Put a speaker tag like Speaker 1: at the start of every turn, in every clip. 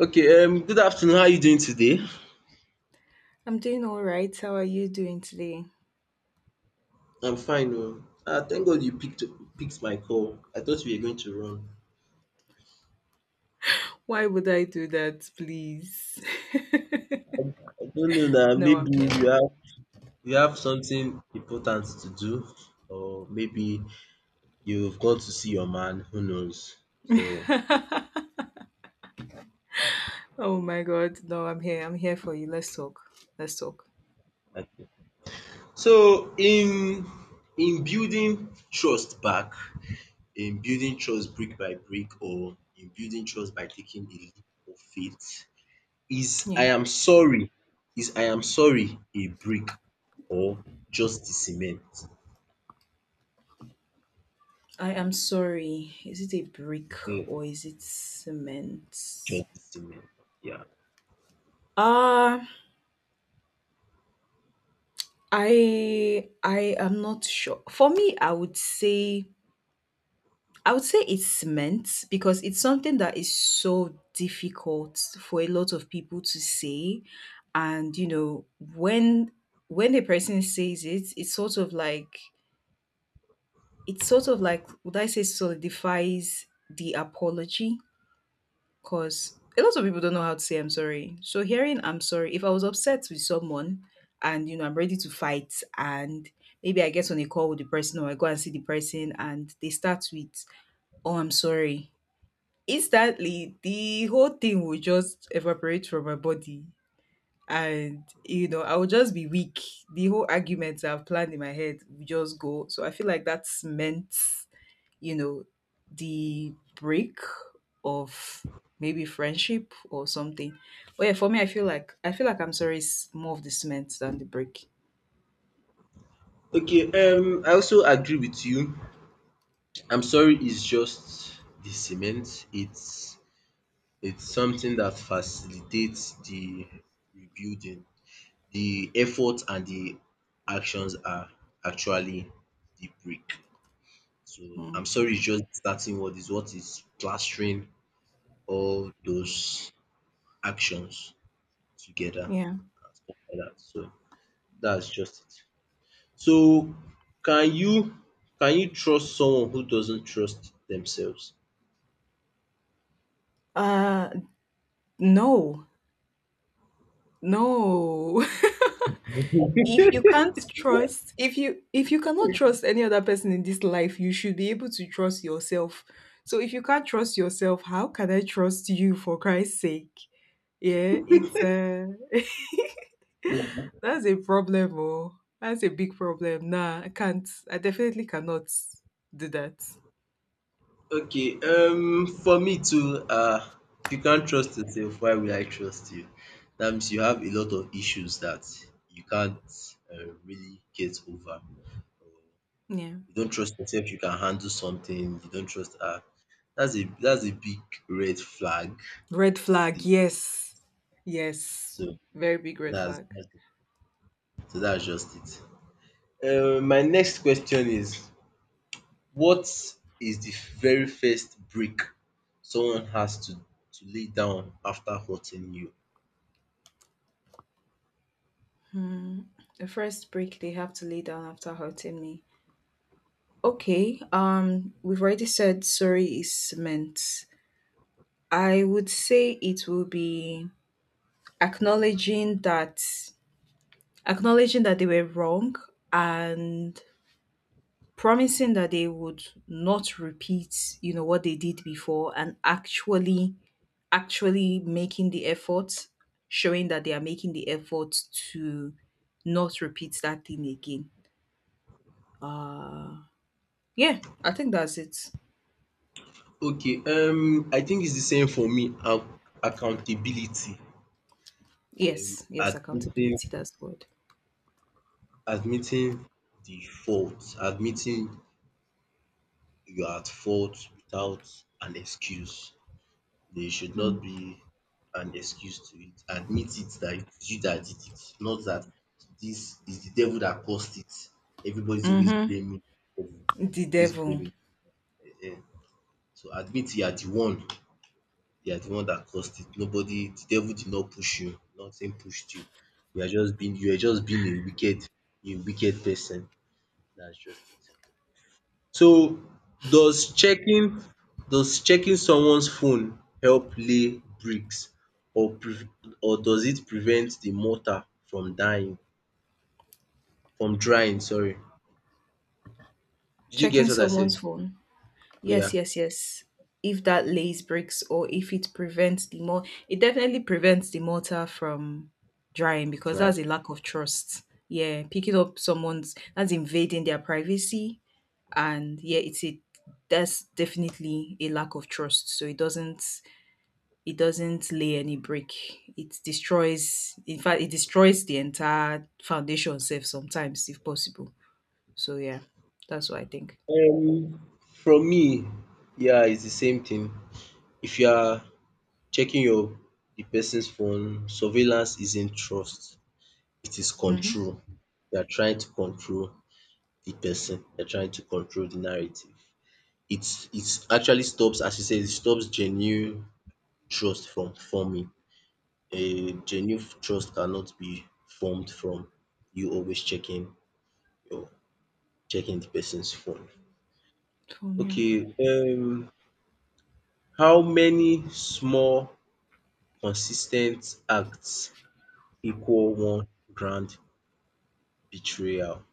Speaker 1: Okay, good afternoon. How are you doing today?
Speaker 2: I'm doing all right. How are you doing today?
Speaker 1: I'm fine. Oh. Ah, thank God you picked my call. I thought we were going to run.
Speaker 2: Why would I do that, please?
Speaker 1: I, I don't know, that
Speaker 2: No,
Speaker 1: maybe
Speaker 2: I'm
Speaker 1: you
Speaker 2: here.
Speaker 1: have something important to do, or maybe you've gone to see your man. Who knows? So,
Speaker 2: Oh my god, no, I'm here. I'm here for you. Let's talk. Let's talk.
Speaker 1: okay. So in building trust back, in building trust brick by brick, or in building trust by taking a leap of faith. Is I
Speaker 2: Yeah.
Speaker 1: am sorry is I am sorry a brick or just the cement?
Speaker 2: I am sorry. Is it a brick
Speaker 1: um
Speaker 2: or is it cement?
Speaker 1: just the cement. Yeah.
Speaker 2: Uh I am not sure. For me, I would say it's cement because it's something that is so difficult for a lot of people to say. And you know, when when a person says it, it's sort of like, would I say, solidifies the apology, because a lot of people don't know how to say I'm sorry. So hearing I'm sorry, if I was upset with someone and you know I'm ready to fight, and maybe I get on a call with the person or I go and see the person and they start with, oh, I'm sorry, instantly the whole thing will just evaporate from my body, and you know I will just be weak. The whole arguments I've planned in my head will just go. So I feel like that's meant, you know, the break of maybe friendship or something. But yeah, for me, I feel like I'm sorry is more of the cement than the break.
Speaker 1: Okay, I also agree with you. I'm sorry is just the cement. It's something that facilitates the rebuilding. The effort and the actions are actually the brick. So I'm
Speaker 2: Mm,
Speaker 1: sorry is just starting. What is, what is plastering all those actions together
Speaker 2: yeah.
Speaker 1: and stuff like that. So that's just it. So can you trust someone who doesn't trust themselves?
Speaker 2: uh no. No. If you can't trust, if you cannot trust any other person in this life, you should be able to trust yourself. So if you can't trust yourself, how can I trust you, for Christ's sake? Yeah, it's that's a problem. Oh, that's a big problem. Nah, I definitely cannot do that.
Speaker 1: Okay, for me too, if you can't trust yourself, why will I trust you? That means you have a lot of issues that you can't really get over.
Speaker 2: Yeah,
Speaker 1: You don't trust yourself you can handle something, you don't trust that's a big red flag
Speaker 2: red flag,
Speaker 1: indeed.
Speaker 2: yes. Yes,
Speaker 1: So
Speaker 2: very big red flag.
Speaker 1: that's so that's just it. My next question is, what is the very first break someone has to lay down after hurting you?
Speaker 2: The first brick they have to lay down after hurting me. Okay, we've already said sorry is meant. I would say it will be acknowledging that acknowledging that they were wrong, and promising that they would not repeat, you know, what they did before, and actually making the effort, showing that they are making the effort to not repeat that thing again. Uh yeah, I think that's it.
Speaker 1: Okay, I think it's the same for me. Accountability. Um
Speaker 2: Yes, yes,
Speaker 1: admitting
Speaker 2: accountability, that's the word.
Speaker 1: admitting the fault, admitting you are at fault without an excuse. There should not be an excuse to it. Admit it that it is you that did it, not that this is the devil that caused it. Everybody's always
Speaker 2: Mm-hmm.
Speaker 1: blaming the devil,
Speaker 2: The
Speaker 1: always
Speaker 2: devil.
Speaker 1: blaming. Ehen. So admit you are the one, you are the one that caused it. Nobody, the devil did not push you, nothing pushed you. You are just being, you are just being a wicked, a wicked person. That's just it. So does checking, does checking someone's phone help lay bricks, or or does it prevent the mortar from dying, from drying, sorry. Did you
Speaker 2: Checking
Speaker 1: get what I
Speaker 2: someone's
Speaker 1: said?
Speaker 2: phone.
Speaker 1: Yeah,
Speaker 2: Yes, yes, yes. If that lace breaks or if it prevents the mor It definitely prevents the mortar from drying
Speaker 1: it's
Speaker 2: because
Speaker 1: right.
Speaker 2: that's a lack of trust. Yeah, picking up someone's, that's invading their privacy, and yeah, it's a, that's definitely a lack of trust. So it doesn't, it doesn't lay any brick. It destroys, in fact it destroys the entire foundation Self sometimes, if possible. So yeah, that's what I think.
Speaker 1: From me, yeah, it's the same thing. If you are checking your, the person's phone, surveillance isn't trust, it is
Speaker 2: Mhm.
Speaker 1: control. You are trying to control the person, you are trying to control the narrative. It's actually stops, as you said, it stops genuine trust from forming. A genuine trust cannot be formed from you always checking your, checking the person's phone.
Speaker 2: Full name.
Speaker 1: Okay, how many small consistent acts equal one grand betrayal?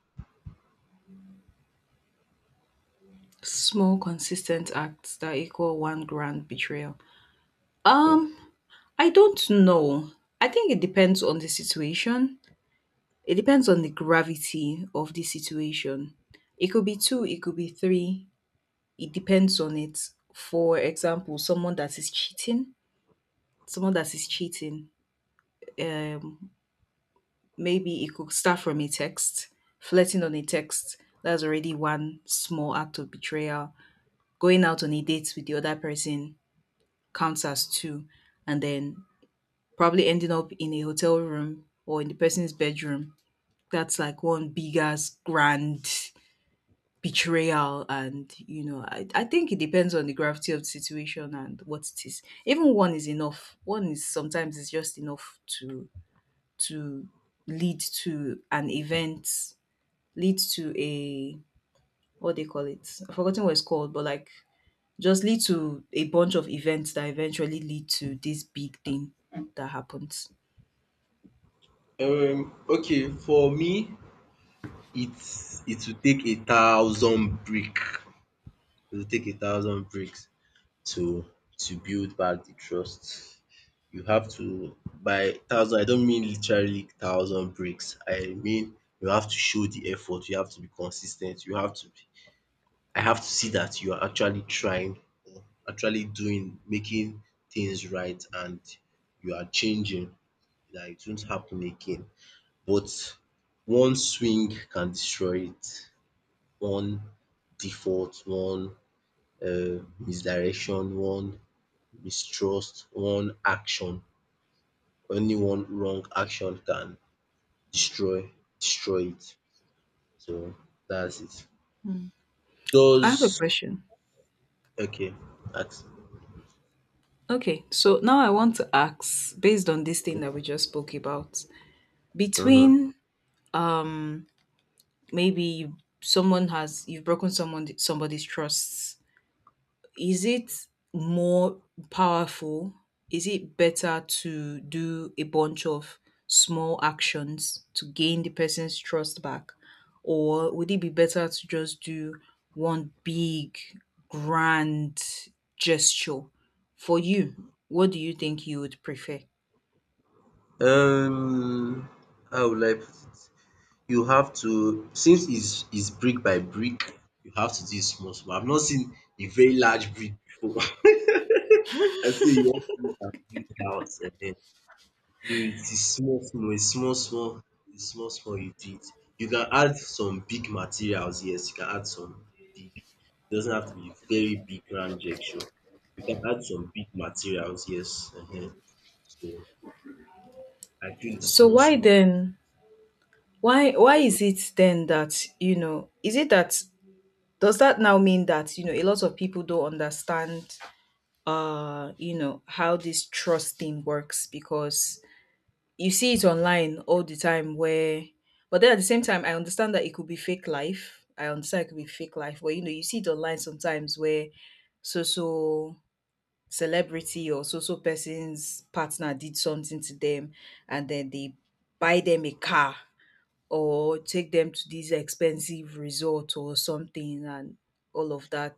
Speaker 2: Small consistent acts that equal one grand betrayal.
Speaker 1: Yeah.
Speaker 2: Um, I don't know. I think it depends on the situation. It depends on the gravity of the situation. It could be two, it could be three. It depends on it. For example, someone that is cheating, um, maybe it could start from a text, flirting on a text. That's already one small act of betrayal. Going out on a date with the other person counts as two, and then probably ending up in a hotel room or in the person's bedroom. That's like one big ass grand betrayal. And, you know, I think it depends on the gravity of the situation and what it is. Even one is enough. One is sometimes, is just enough to lead to an event, lead to a, what they call it. I've forgotten what it's called, but like, just lead to a bunch of events that eventually lead to this big thing that happens.
Speaker 1: Okay, for me it will take a thousand brick. It will take a thousand bricks to to build back the trust. You have to, by thousand I don't mean literally thousand bricks. I mean you have to show the effort, you have to be consistent. You have to be, I have to see that you are actually trying, or actually doing, making things right, and you are changing. That it won't happen again. But one swing can destroy it, one default, one misdirection, one mistrust, one action. Only one wrong action can destroy, destroy it. So that's it.
Speaker 2: I have a
Speaker 1: Does
Speaker 2: question.
Speaker 1: okay, ask.
Speaker 2: Okay, so now I want to ask, based on this thing that we just spoke about,
Speaker 1: Mhm.
Speaker 2: between maybe you- someone has, you've broken someone somebody's trust. Is it more powerful? Is it better to do a bunch of small actions to gain the person's trust back? Or would it be better to just do one big, grand gesture for you? What do you think you would prefer?
Speaker 1: Um, how will I put it? You have to, since it's brick by brick, you have to do it small small. I've not seen a very large brick before. I say you want to build house. Ehen. You, it's small small, the small small you did. You can add some big materials, yes, you can add some big. It doesn't have to be very big grand gesture. You can add some big materials, yes. So I feel it
Speaker 2: So
Speaker 1: small
Speaker 2: why
Speaker 1: small.
Speaker 2: then, why is it then that, you know, is it that, does that now mean that, you know, a lot of people don't understand you know how this trust thing works? Because you see it online all the time where, but then at the same time I understand that it could be fake life, I understand it could be fake life, but you know you see it online sometimes where so so celebrity or so so person's partner did something to them, and then they buy them a car or take them to this expensive resort or something, and all of that.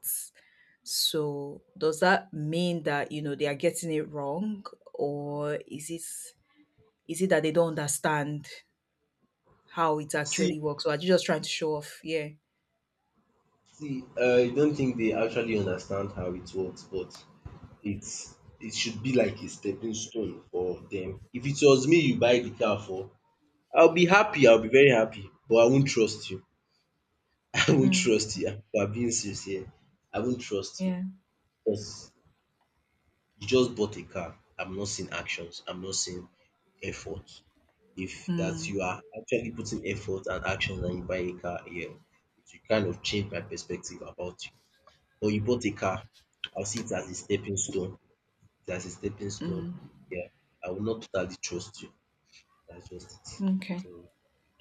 Speaker 2: So does that mean that, you know, they are getting it wrong? Or is it, is it that they don't understand how it
Speaker 1: See,
Speaker 2: actually works, or are you just trying to show off? Yeah.
Speaker 1: see, I don't think they actually understand how it works, but it's it should be like a stepping stone for them. If it was me you buy the car for, I'll be happy, I'll be very happy, but I won't trust you. I won't
Speaker 2: Mm,
Speaker 1: trust you. If I'm being sincere, I won't trust you
Speaker 2: yeah.
Speaker 1: because you just bought a car. I'm not seeing actions. I'm not seeing effort. If that
Speaker 2: Mm,
Speaker 1: you are actually putting effort and actions and you buy a car, yeah, it will kind of change my perspective about you. But you bought a car, I'll see it as a stepping stone. It's, as a stepping stone,
Speaker 2: mm,
Speaker 1: I will not totally trust you. That's just it.
Speaker 2: okay.
Speaker 1: So,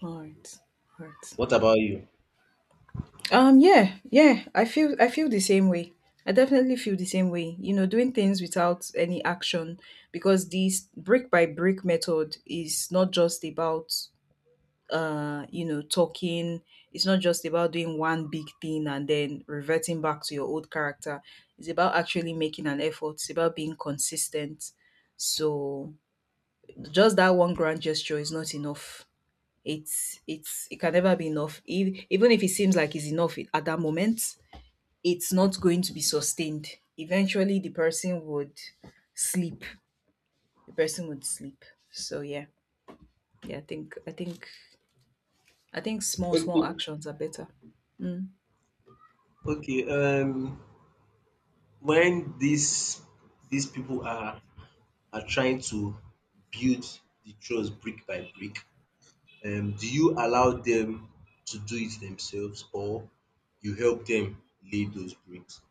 Speaker 2: All
Speaker 1: mhm.
Speaker 2: right. All right.
Speaker 1: What about you?
Speaker 2: Yeah, yeah. I feel, I feel the same way. I definitely feel the same way. You know, doing things without any action, because this brick by brick method is not just about you know talking, it's not just about doing one big thing and then reverting back to your old character, it's about actually making an effort, it's about being consistent. So just that one grand gesture is not enough. It's it can never be enough. Even if it seems like it's enough at that moment, it's not going to be sustained. Eventually the person would sleep, the person would sleep. So yeah, yeah, I think small small
Speaker 1: Okay.
Speaker 2: actions are better. Mm.
Speaker 1: Okay. When these people are trying to build the trust brick by brick, do you allow them to do it themselves, or you help them lay those bricks?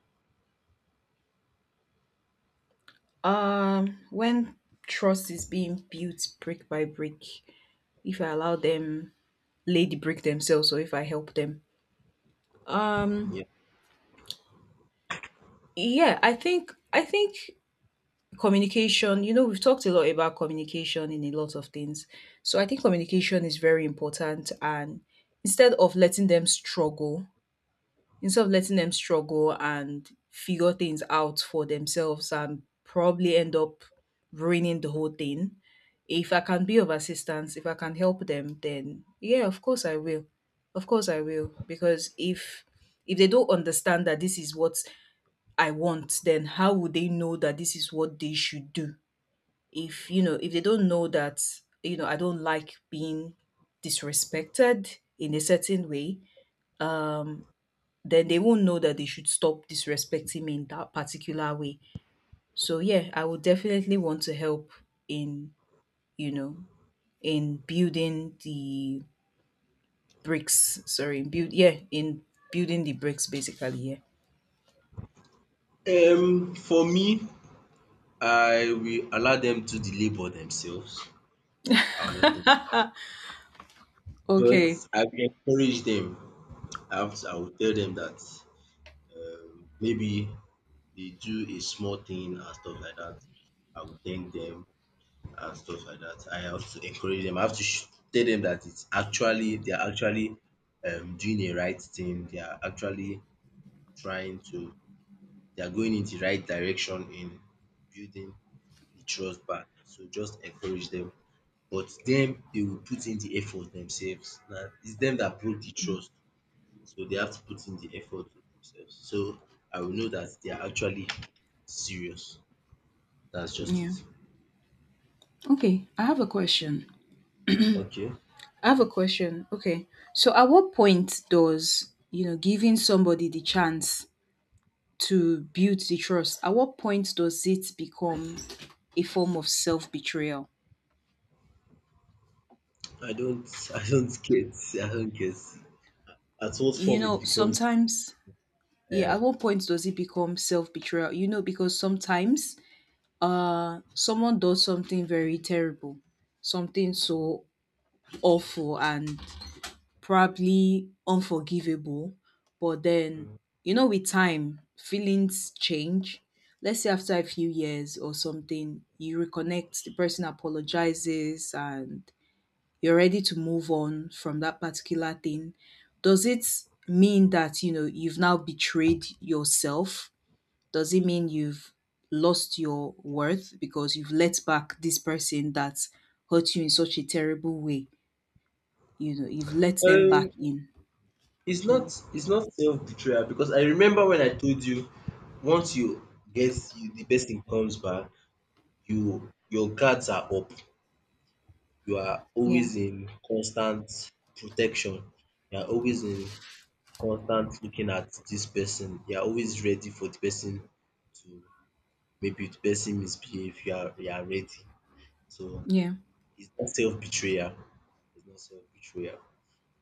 Speaker 2: When trust is being built brick by brick, if I allow them lay the brick themselves or if I help them. Um,
Speaker 1: Yeah.
Speaker 2: yeah, I think communication, you know, we've talked a lot about communication in a lot of things. So I think communication is very important, and instead of letting them struggle instead of letting them struggle and figure things out for themselves and probably end up ruining the whole thing. If I can be of assistance, if I can help them, then yeah, of course I will. Of course I will. Because if, they don't understand that this is what I want, then how would they know that this is what they should do? If you know, if they don't know that, you know, I don't like being disrespected in a certain way, um, then they won't know that they should stop disrespecting me in that particular way. So yeah, I would definitely want to help in, you know, in building the bricks. Sorry, build, yeah, in building the bricks basically, yeah.
Speaker 1: For me, I will allow them to do the labor themselves. I will allow them. But
Speaker 2: Okay.
Speaker 1: I will encourage them. I will tell them that maybe they do a small thing and stuff like that. I will thank them and stuff like that. I have to encourage them. I have to tell them that it's actually, they are actually, doing the right thing. They are actually trying to. They are going in the right direction in building the trust back. So just encourage them. But them, they will put in the effort themselves. Now it's them that broke the trust, so they have to put in the effort themselves. So I will know that they are actually serious. That's just
Speaker 2: Yeah.
Speaker 1: it.
Speaker 2: Okay. I have a question.
Speaker 1: Okay.
Speaker 2: I have a question. Okay. So at what point does, you know, giving somebody the chance to build the trust, at what point does it become a form of self betrayal?
Speaker 1: I don't I don't get, I don't get at what
Speaker 2: You
Speaker 1: form it
Speaker 2: know,
Speaker 1: becomes.
Speaker 2: sometimes, yeah,
Speaker 1: Uh,
Speaker 2: at what point does it become self betrayal? You know, because sometimes someone does something very terrible, something so awful and probably unforgivable, but then, you know, with time, feelings change. Let's say after a few years or something, you reconnect, the person apologizes, and you're ready to move on from that particular thing. Does it mean that, you know, you've now betrayed yourself? Does it mean you've lost your worth because you've let back this person that hurt you in such a terrible way? You know, you've let them back
Speaker 1: um,
Speaker 2: in.
Speaker 1: it's not, it's not self betrayal because I remember when I told you, once you get, you the person comes back, you, your guards are up. You are
Speaker 2: Yeah.
Speaker 1: always in constant protection. You are always in constant looking at this person. You are always ready for the person to, maybe the person misbehave. You are ready. So
Speaker 2: Yeah.
Speaker 1: it's not self betrayal. It's not self betrayal.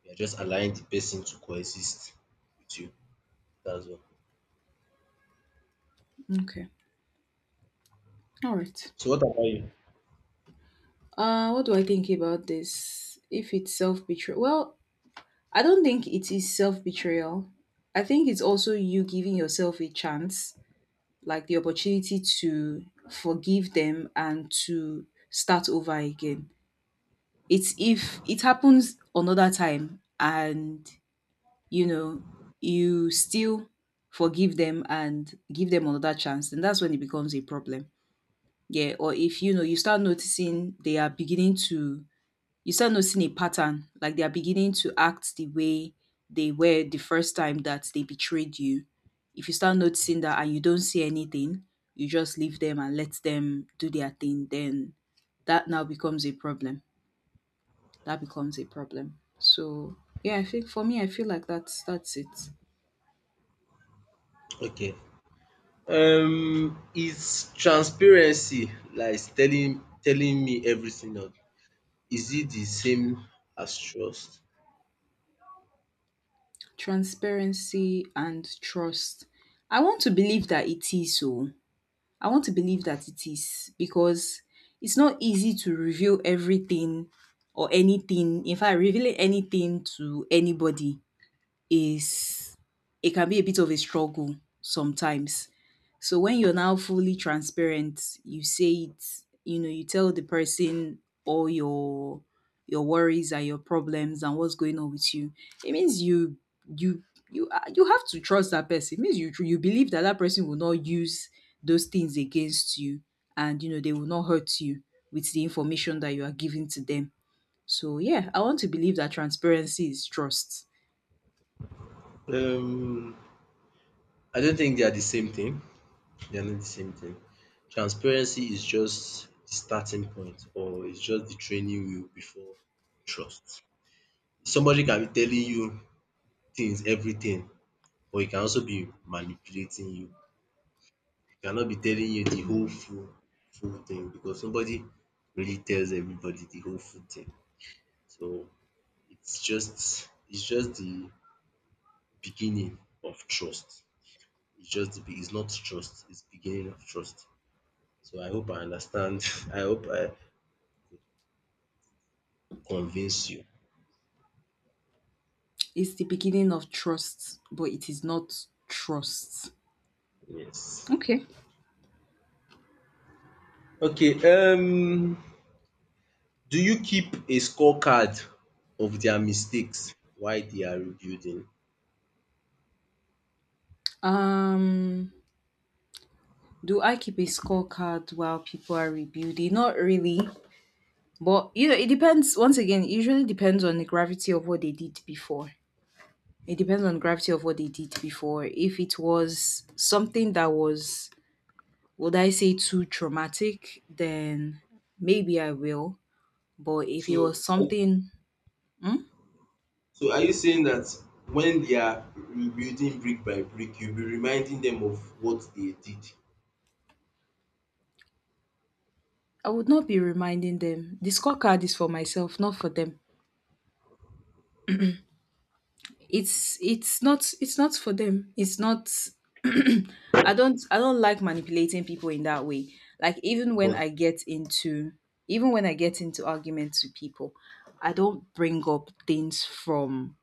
Speaker 1: You're just allowing the person to coexist with you. That's all.
Speaker 2: Okay. All right.
Speaker 1: So what about you?
Speaker 2: What do I think about this? If it's self betrayal, well, I don't think it is self betrayal. I think it's also you giving yourself a chance, like the opportunity to forgive them and to start over again. It's, if it happens another time and you know you still forgive them and give them another chance, then that's when it becomes a problem. Yeah, or if you know you start noticing they are beginning to, you start noticing a pattern, like they are beginning to act the way they were the first time that they betrayed you. If you start noticing that and you don't see anything, you just leave them and let them do their thing, then that now becomes a problem. That becomes a problem. So yeah, I think for me, I feel like that's it.
Speaker 1: Okay. Is transparency like telling, telling me everything, or is it the same as trust?
Speaker 2: Transparency and trust. I want to believe that it is so. I want to believe that it is, because it's not easy to reveal everything or anything. In fact, revealing anything to anybody is, it can be a bit of a struggle sometimes. So when you're now fully transparent, you say it, you know, you tell the person all your worries and your problems and what's going on with you. It means you, you you are- you have to trust that person. It means you you believe that that person will not use those things against you, and you know they will not hurt you with the information that you are giving to them. So yeah, I want to believe that transparency is trust.
Speaker 1: Um, I don't think they are the same thing. They are not the same thing. Transparency is just the starting point, or it's just the training wheel before trust. Somebody can be telling you things, everything, but he can also be manipulating you. Cannot be telling you the whole
Speaker 2: Mm.
Speaker 1: full thing because nobody really tells everybody the whole full thing. So it's just the beginning of trust. It's just the it's not trust, it's beginning of trust. So I hope I understand. I hope I convince you.
Speaker 2: It's the beginning of trust, but it is not trust.
Speaker 1: Yes.
Speaker 2: Okay.
Speaker 1: Okay, do you keep a scorecard of their mistakes while they are rebuilding?
Speaker 2: Um, do I keep a scorecard while people are rebuilding? Not really, but it depends. Once again, it usually depends on the gravity of what they did before. It depends on the gravity of what they did before. If it was something that was, would I say, too traumatic, then maybe I will. But if it was
Speaker 1: So,
Speaker 2: something, hmm,
Speaker 1: so are you saying that when they are rebuilding brick by brick, you'll be reminding them of what they did?
Speaker 2: I would not be reminding them. The scorecard is for myself, not for them. It's not it's not for them. It's not I don't like manipulating people in that way. Like even when
Speaker 1: But
Speaker 2: I get into Even when I get into arguments with people, I don't bring up things from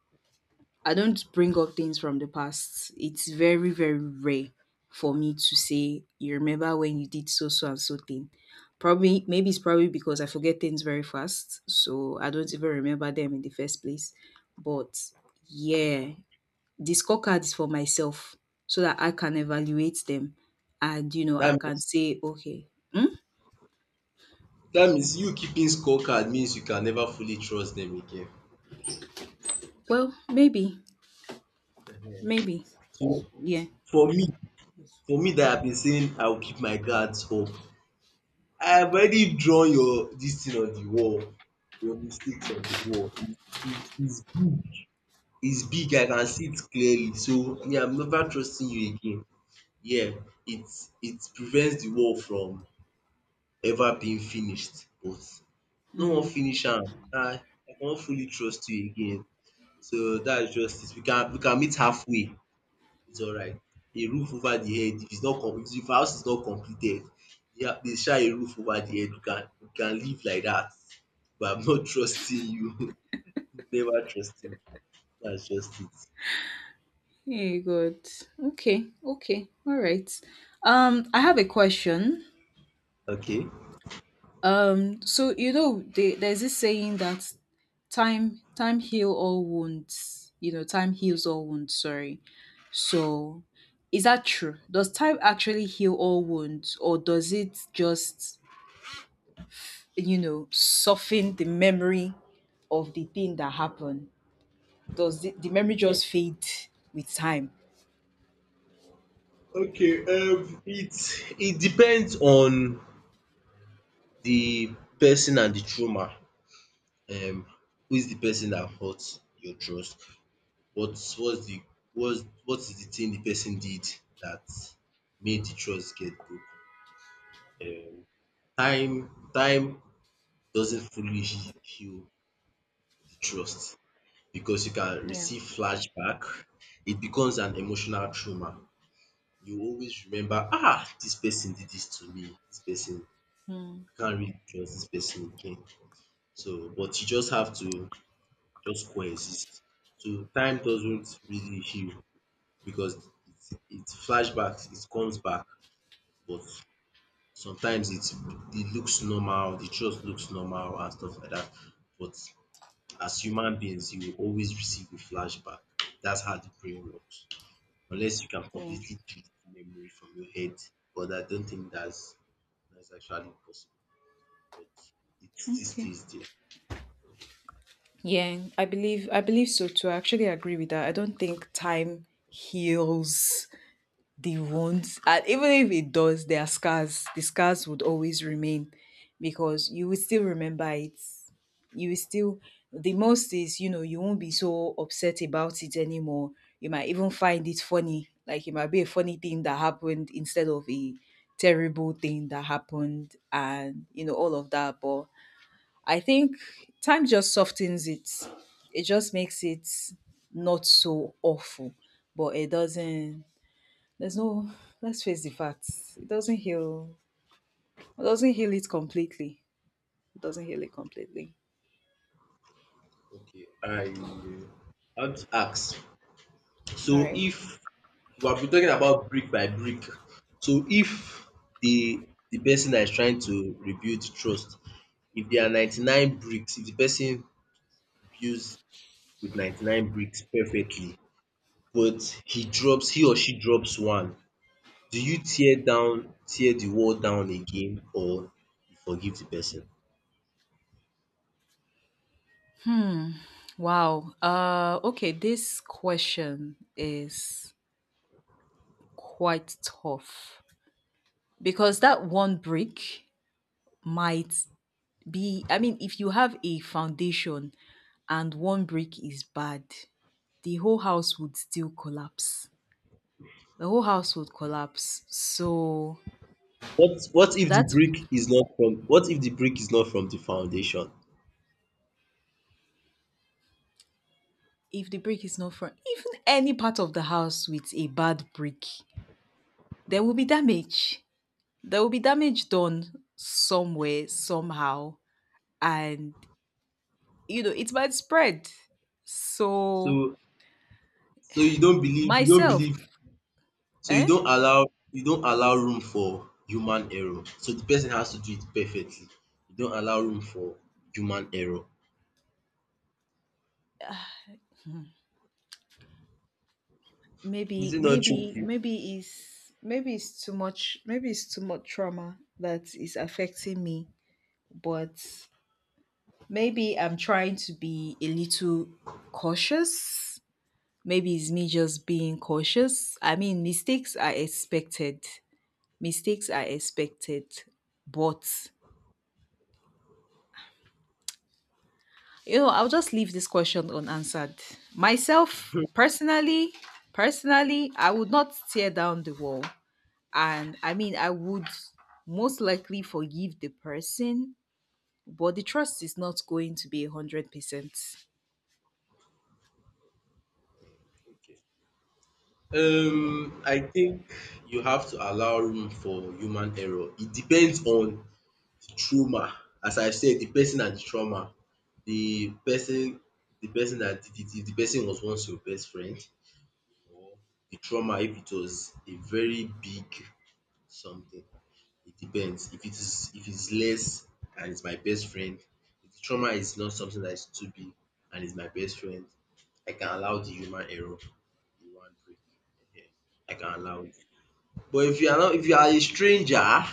Speaker 2: I don't bring up things from the past. It's very very rare for me to say you remember when you did so so and so thing. Probably maybe it's probably because I forget things very fast, so I don't even remember them in the first place. But yeah, the scorecards for myself so that I can evaluate them and I
Speaker 1: that
Speaker 2: can
Speaker 1: means
Speaker 2: say, okay, hmm,
Speaker 1: that means you keeping scorecard means you can never fully trust them again.
Speaker 2: well, maybe, maybe,
Speaker 1: So
Speaker 2: yeah.
Speaker 1: for me, for me that I've been saying I'll keep my guards up, I've already drawn your this thing on the wall, your mistakes on the wall. It's, it's, it's big, I can see it clearly. So me, I'm never trusting you again. Yeah, it it prevents the wall from ever been finished, but no wan
Speaker 2: Mm.
Speaker 1: finish am. Ah, I cannot fully trust you again. So that's just it. We can meet halfway. It's alright. A roof over the head, if it's not complete, if our house is not completed, yeah, they share a roof over the head. We can live like that. But I'm not trusting you. Never trusting. That's just it.
Speaker 2: Hey, good. Okay, okay, all right. I have a question.
Speaker 1: Okay?
Speaker 2: So there's this saying that time heal all wounds. You know, time heals
Speaker 1: Yeah.
Speaker 2: all wounds. Sorry. So, is that true? Does time actually heal all wounds, or does it just soften the memory of the thing that happened? Does the memory just fade with time?
Speaker 1: Okay, it, it depends on the person and the trauma. um who is the person that hurt your trust? What's the, what's what is the thing the person did that made the trust get broken? um Time, time doesn't fully heal the trust because you can
Speaker 2: Yeah.
Speaker 1: receive flashback. It becomes an emotional trauma. You always remember, ah, this person did this to me. This person,
Speaker 2: Hmm.
Speaker 1: I can't really trust this person again. So, but you just have to just coexist. So time doesn't really heal because it flashbacks, it comes back, but sometimes it's, it looks normal, the trust looks normal and stuff like that. But as human beings, you will always receive a flashback. That's how the brain works. Unless you can
Speaker 2: Yeah.
Speaker 1: completely delete the memory from your head, but I don't think that's actually possible. But it still
Speaker 2: Okay.
Speaker 1: stays there.
Speaker 2: Yeah, I believe so too. I actually agree with that. I don't think time heals. They won't. And even if it does, there are scars. The scars would always remain, because you will still remember it. You will still, the most is, you know, you won't be so upset about it anymore. You might even find it funny, like it might be a funny thing that happened instead of a terrible thing that happened, and you know, all of that. But I think time just softens it. It just makes it not so awful, but it doesn't, there's no, let's face the facts. It doesn't heal, it doesn't heal it completely. It doesn't heal it completely.
Speaker 1: Okay, I want to ask.
Speaker 2: All
Speaker 1: So
Speaker 2: right.
Speaker 1: if we have been talking about brick by brick. So if the the person that is trying to rebuild trust, if there are 99 bricks, if the person builds with 99 bricks perfectly but he or she drops one, do you tear the wall down again or you forgive the person?
Speaker 2: Wow. Okay. This question is quite tough, because that one brick might be, I mean, if you have a foundation and one brick is bad, the whole house would still collapse. The whole house would collapse. So that.
Speaker 1: What if the brick is not from the foundation?
Speaker 2: If the brick is not from even any part of the house with a bad brick, there will be damage. There will be damage done somewhere, somehow, and you know it might spread. So
Speaker 1: So so
Speaker 2: myself,
Speaker 1: you
Speaker 2: eh?
Speaker 1: don't allow room for human error. So the person has to do it perfectly. You don't allow room for human error. Is it
Speaker 2: Maybe,
Speaker 1: not true?
Speaker 2: maybe, maybe is, maybe it's too much. Maybe it's too much trauma that is affecting me. But maybe I'm trying to be a little cautious. Maybe it's me just being cautious. I mean, mistakes are expected. Mistakes are expected. But, you know, I'll just leave this question unanswered. Myself, personally, personally, I would not tear down the wall. And I mean, I would most likely forgive the person, but the trust is not going to be 100%.
Speaker 1: Okay.
Speaker 2: Yeah.
Speaker 1: I think you have to allow room for human error. It depends on the trauma. As I said, the person and the trauma. The person, the person that did it, if the person was once your best friend, or the trauma if it was a very big something. It depends. If it's less and it's my best friend, if the trauma is not something that is too big and it's my best friend, I can allow the human error, the one break. Ehen, I can allow it. But if you are not if you are a stranger,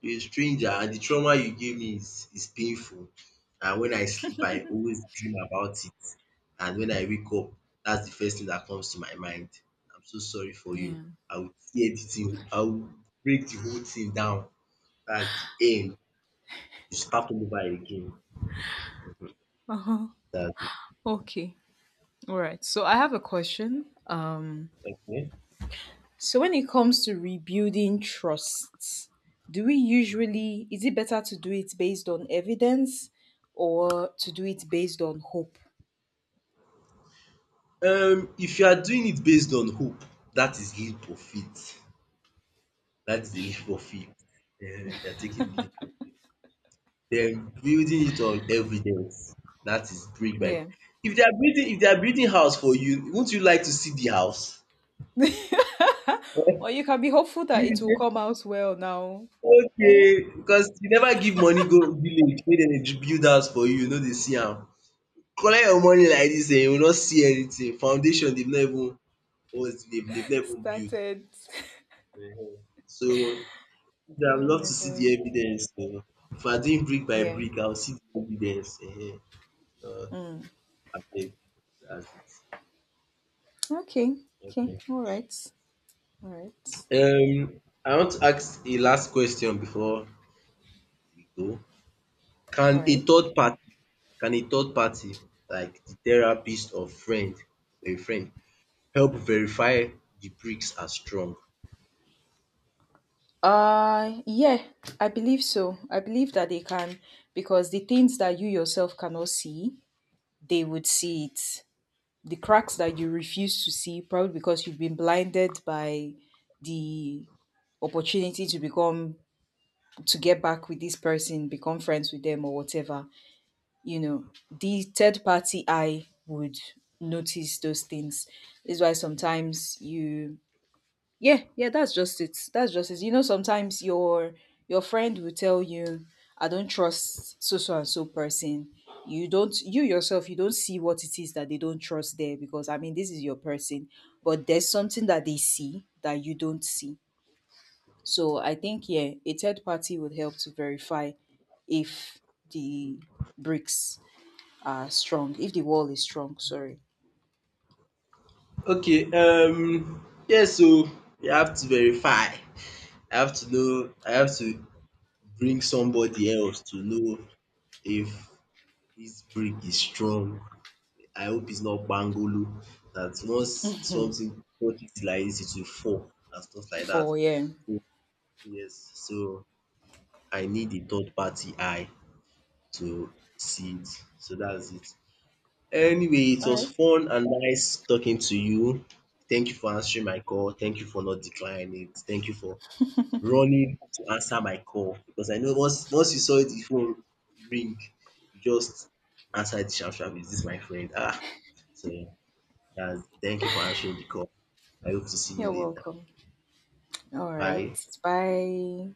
Speaker 1: you're a stranger and the trauma you gave me is painful and when I sleep I always dream about it and when I wake up that's the first thing that comes to my mind. I'm so sorry for you.
Speaker 2: Yeah.
Speaker 1: I will break the whole thing down, that's the end. You start all over again.
Speaker 2: Uh-huh.
Speaker 1: That's it.
Speaker 2: Okay. All right. So I have a question.
Speaker 1: Okay.
Speaker 2: So when it comes to rebuilding trust, do we usually, is it better to do it based on evidence or to do it based on hope?
Speaker 1: If you are doing it based on hope, that is leap of faith. That is a leap of faith. Ehen, you are taking the leap of faith. Then building it on evidence. That is brick by brick.
Speaker 2: Yeah.
Speaker 1: If they are building house for you, won't you like to see the house?
Speaker 2: Or you can be hopeful that
Speaker 1: You be
Speaker 2: it will
Speaker 1: say
Speaker 2: come out well now.
Speaker 1: okay
Speaker 2: Mm?
Speaker 1: because you never give money go village make dem dey build house for you, you no dey see am. Collect your money like dis you no see anything. Foundation dem no even or they've not built.
Speaker 2: Started.
Speaker 1: Mhm. So I would
Speaker 2: Oh
Speaker 1: love
Speaker 2: my
Speaker 1: to see the
Speaker 2: god.
Speaker 1: evidence. If I doing brick by
Speaker 2: Yeah.
Speaker 1: brick, I will see the evidence. Um
Speaker 2: Mm.
Speaker 1: abeg dats it.
Speaker 2: Okay. Okay. All right. All right.
Speaker 1: Okay. I want to ask a last question before we go.
Speaker 2: All
Speaker 1: Can a
Speaker 2: right.
Speaker 1: third party can a third party like the therapist or friend a friend help verify the bricks are strong?
Speaker 2: Yeah, I believe so. I believe that they can, because the things that you yourself cannot see, they would see it. The cracks that you refuse to see, probably because you've been blinded by the opportunity to become, to get back with this person, become friends with them or whatever, you know, the third party eye would notice those things. This is why sometimes you, yeah, yeah, that's just it. That's just it. You know, sometimes your friend will tell you, I don't trust so so and so person. You don't, you yourself, you don't see what it is that they don't trust there, because I mean this is your person, but there's something that they see that you don't see. So I think yeah, a third party would help to verify if the bricks are strong, if the wall is strong, sorry.
Speaker 1: Okay, yes. So you have to verify. I have to know, I have to bring somebody else to know if this brick is strong. I hope it's not bangolo. That once something touches it like this, it will fall and stuff like that.
Speaker 2: For yeah.
Speaker 1: So, yes, so I need a third party eye to see it. So that's it. Anyway, it
Speaker 2: All
Speaker 1: was
Speaker 2: right.
Speaker 1: fun and nice talking to you. Thank you for answering my call. Thank you for not declining it. Thank you for running to answer my call because I know once you saw the phone ring, you just answer it sharp sharp, "Is this my friend?" Ah! So, that's thank you for answering the call. I hope to see you
Speaker 2: You're
Speaker 1: later.
Speaker 2: welcome. All right.
Speaker 1: Bye.
Speaker 2: Bye.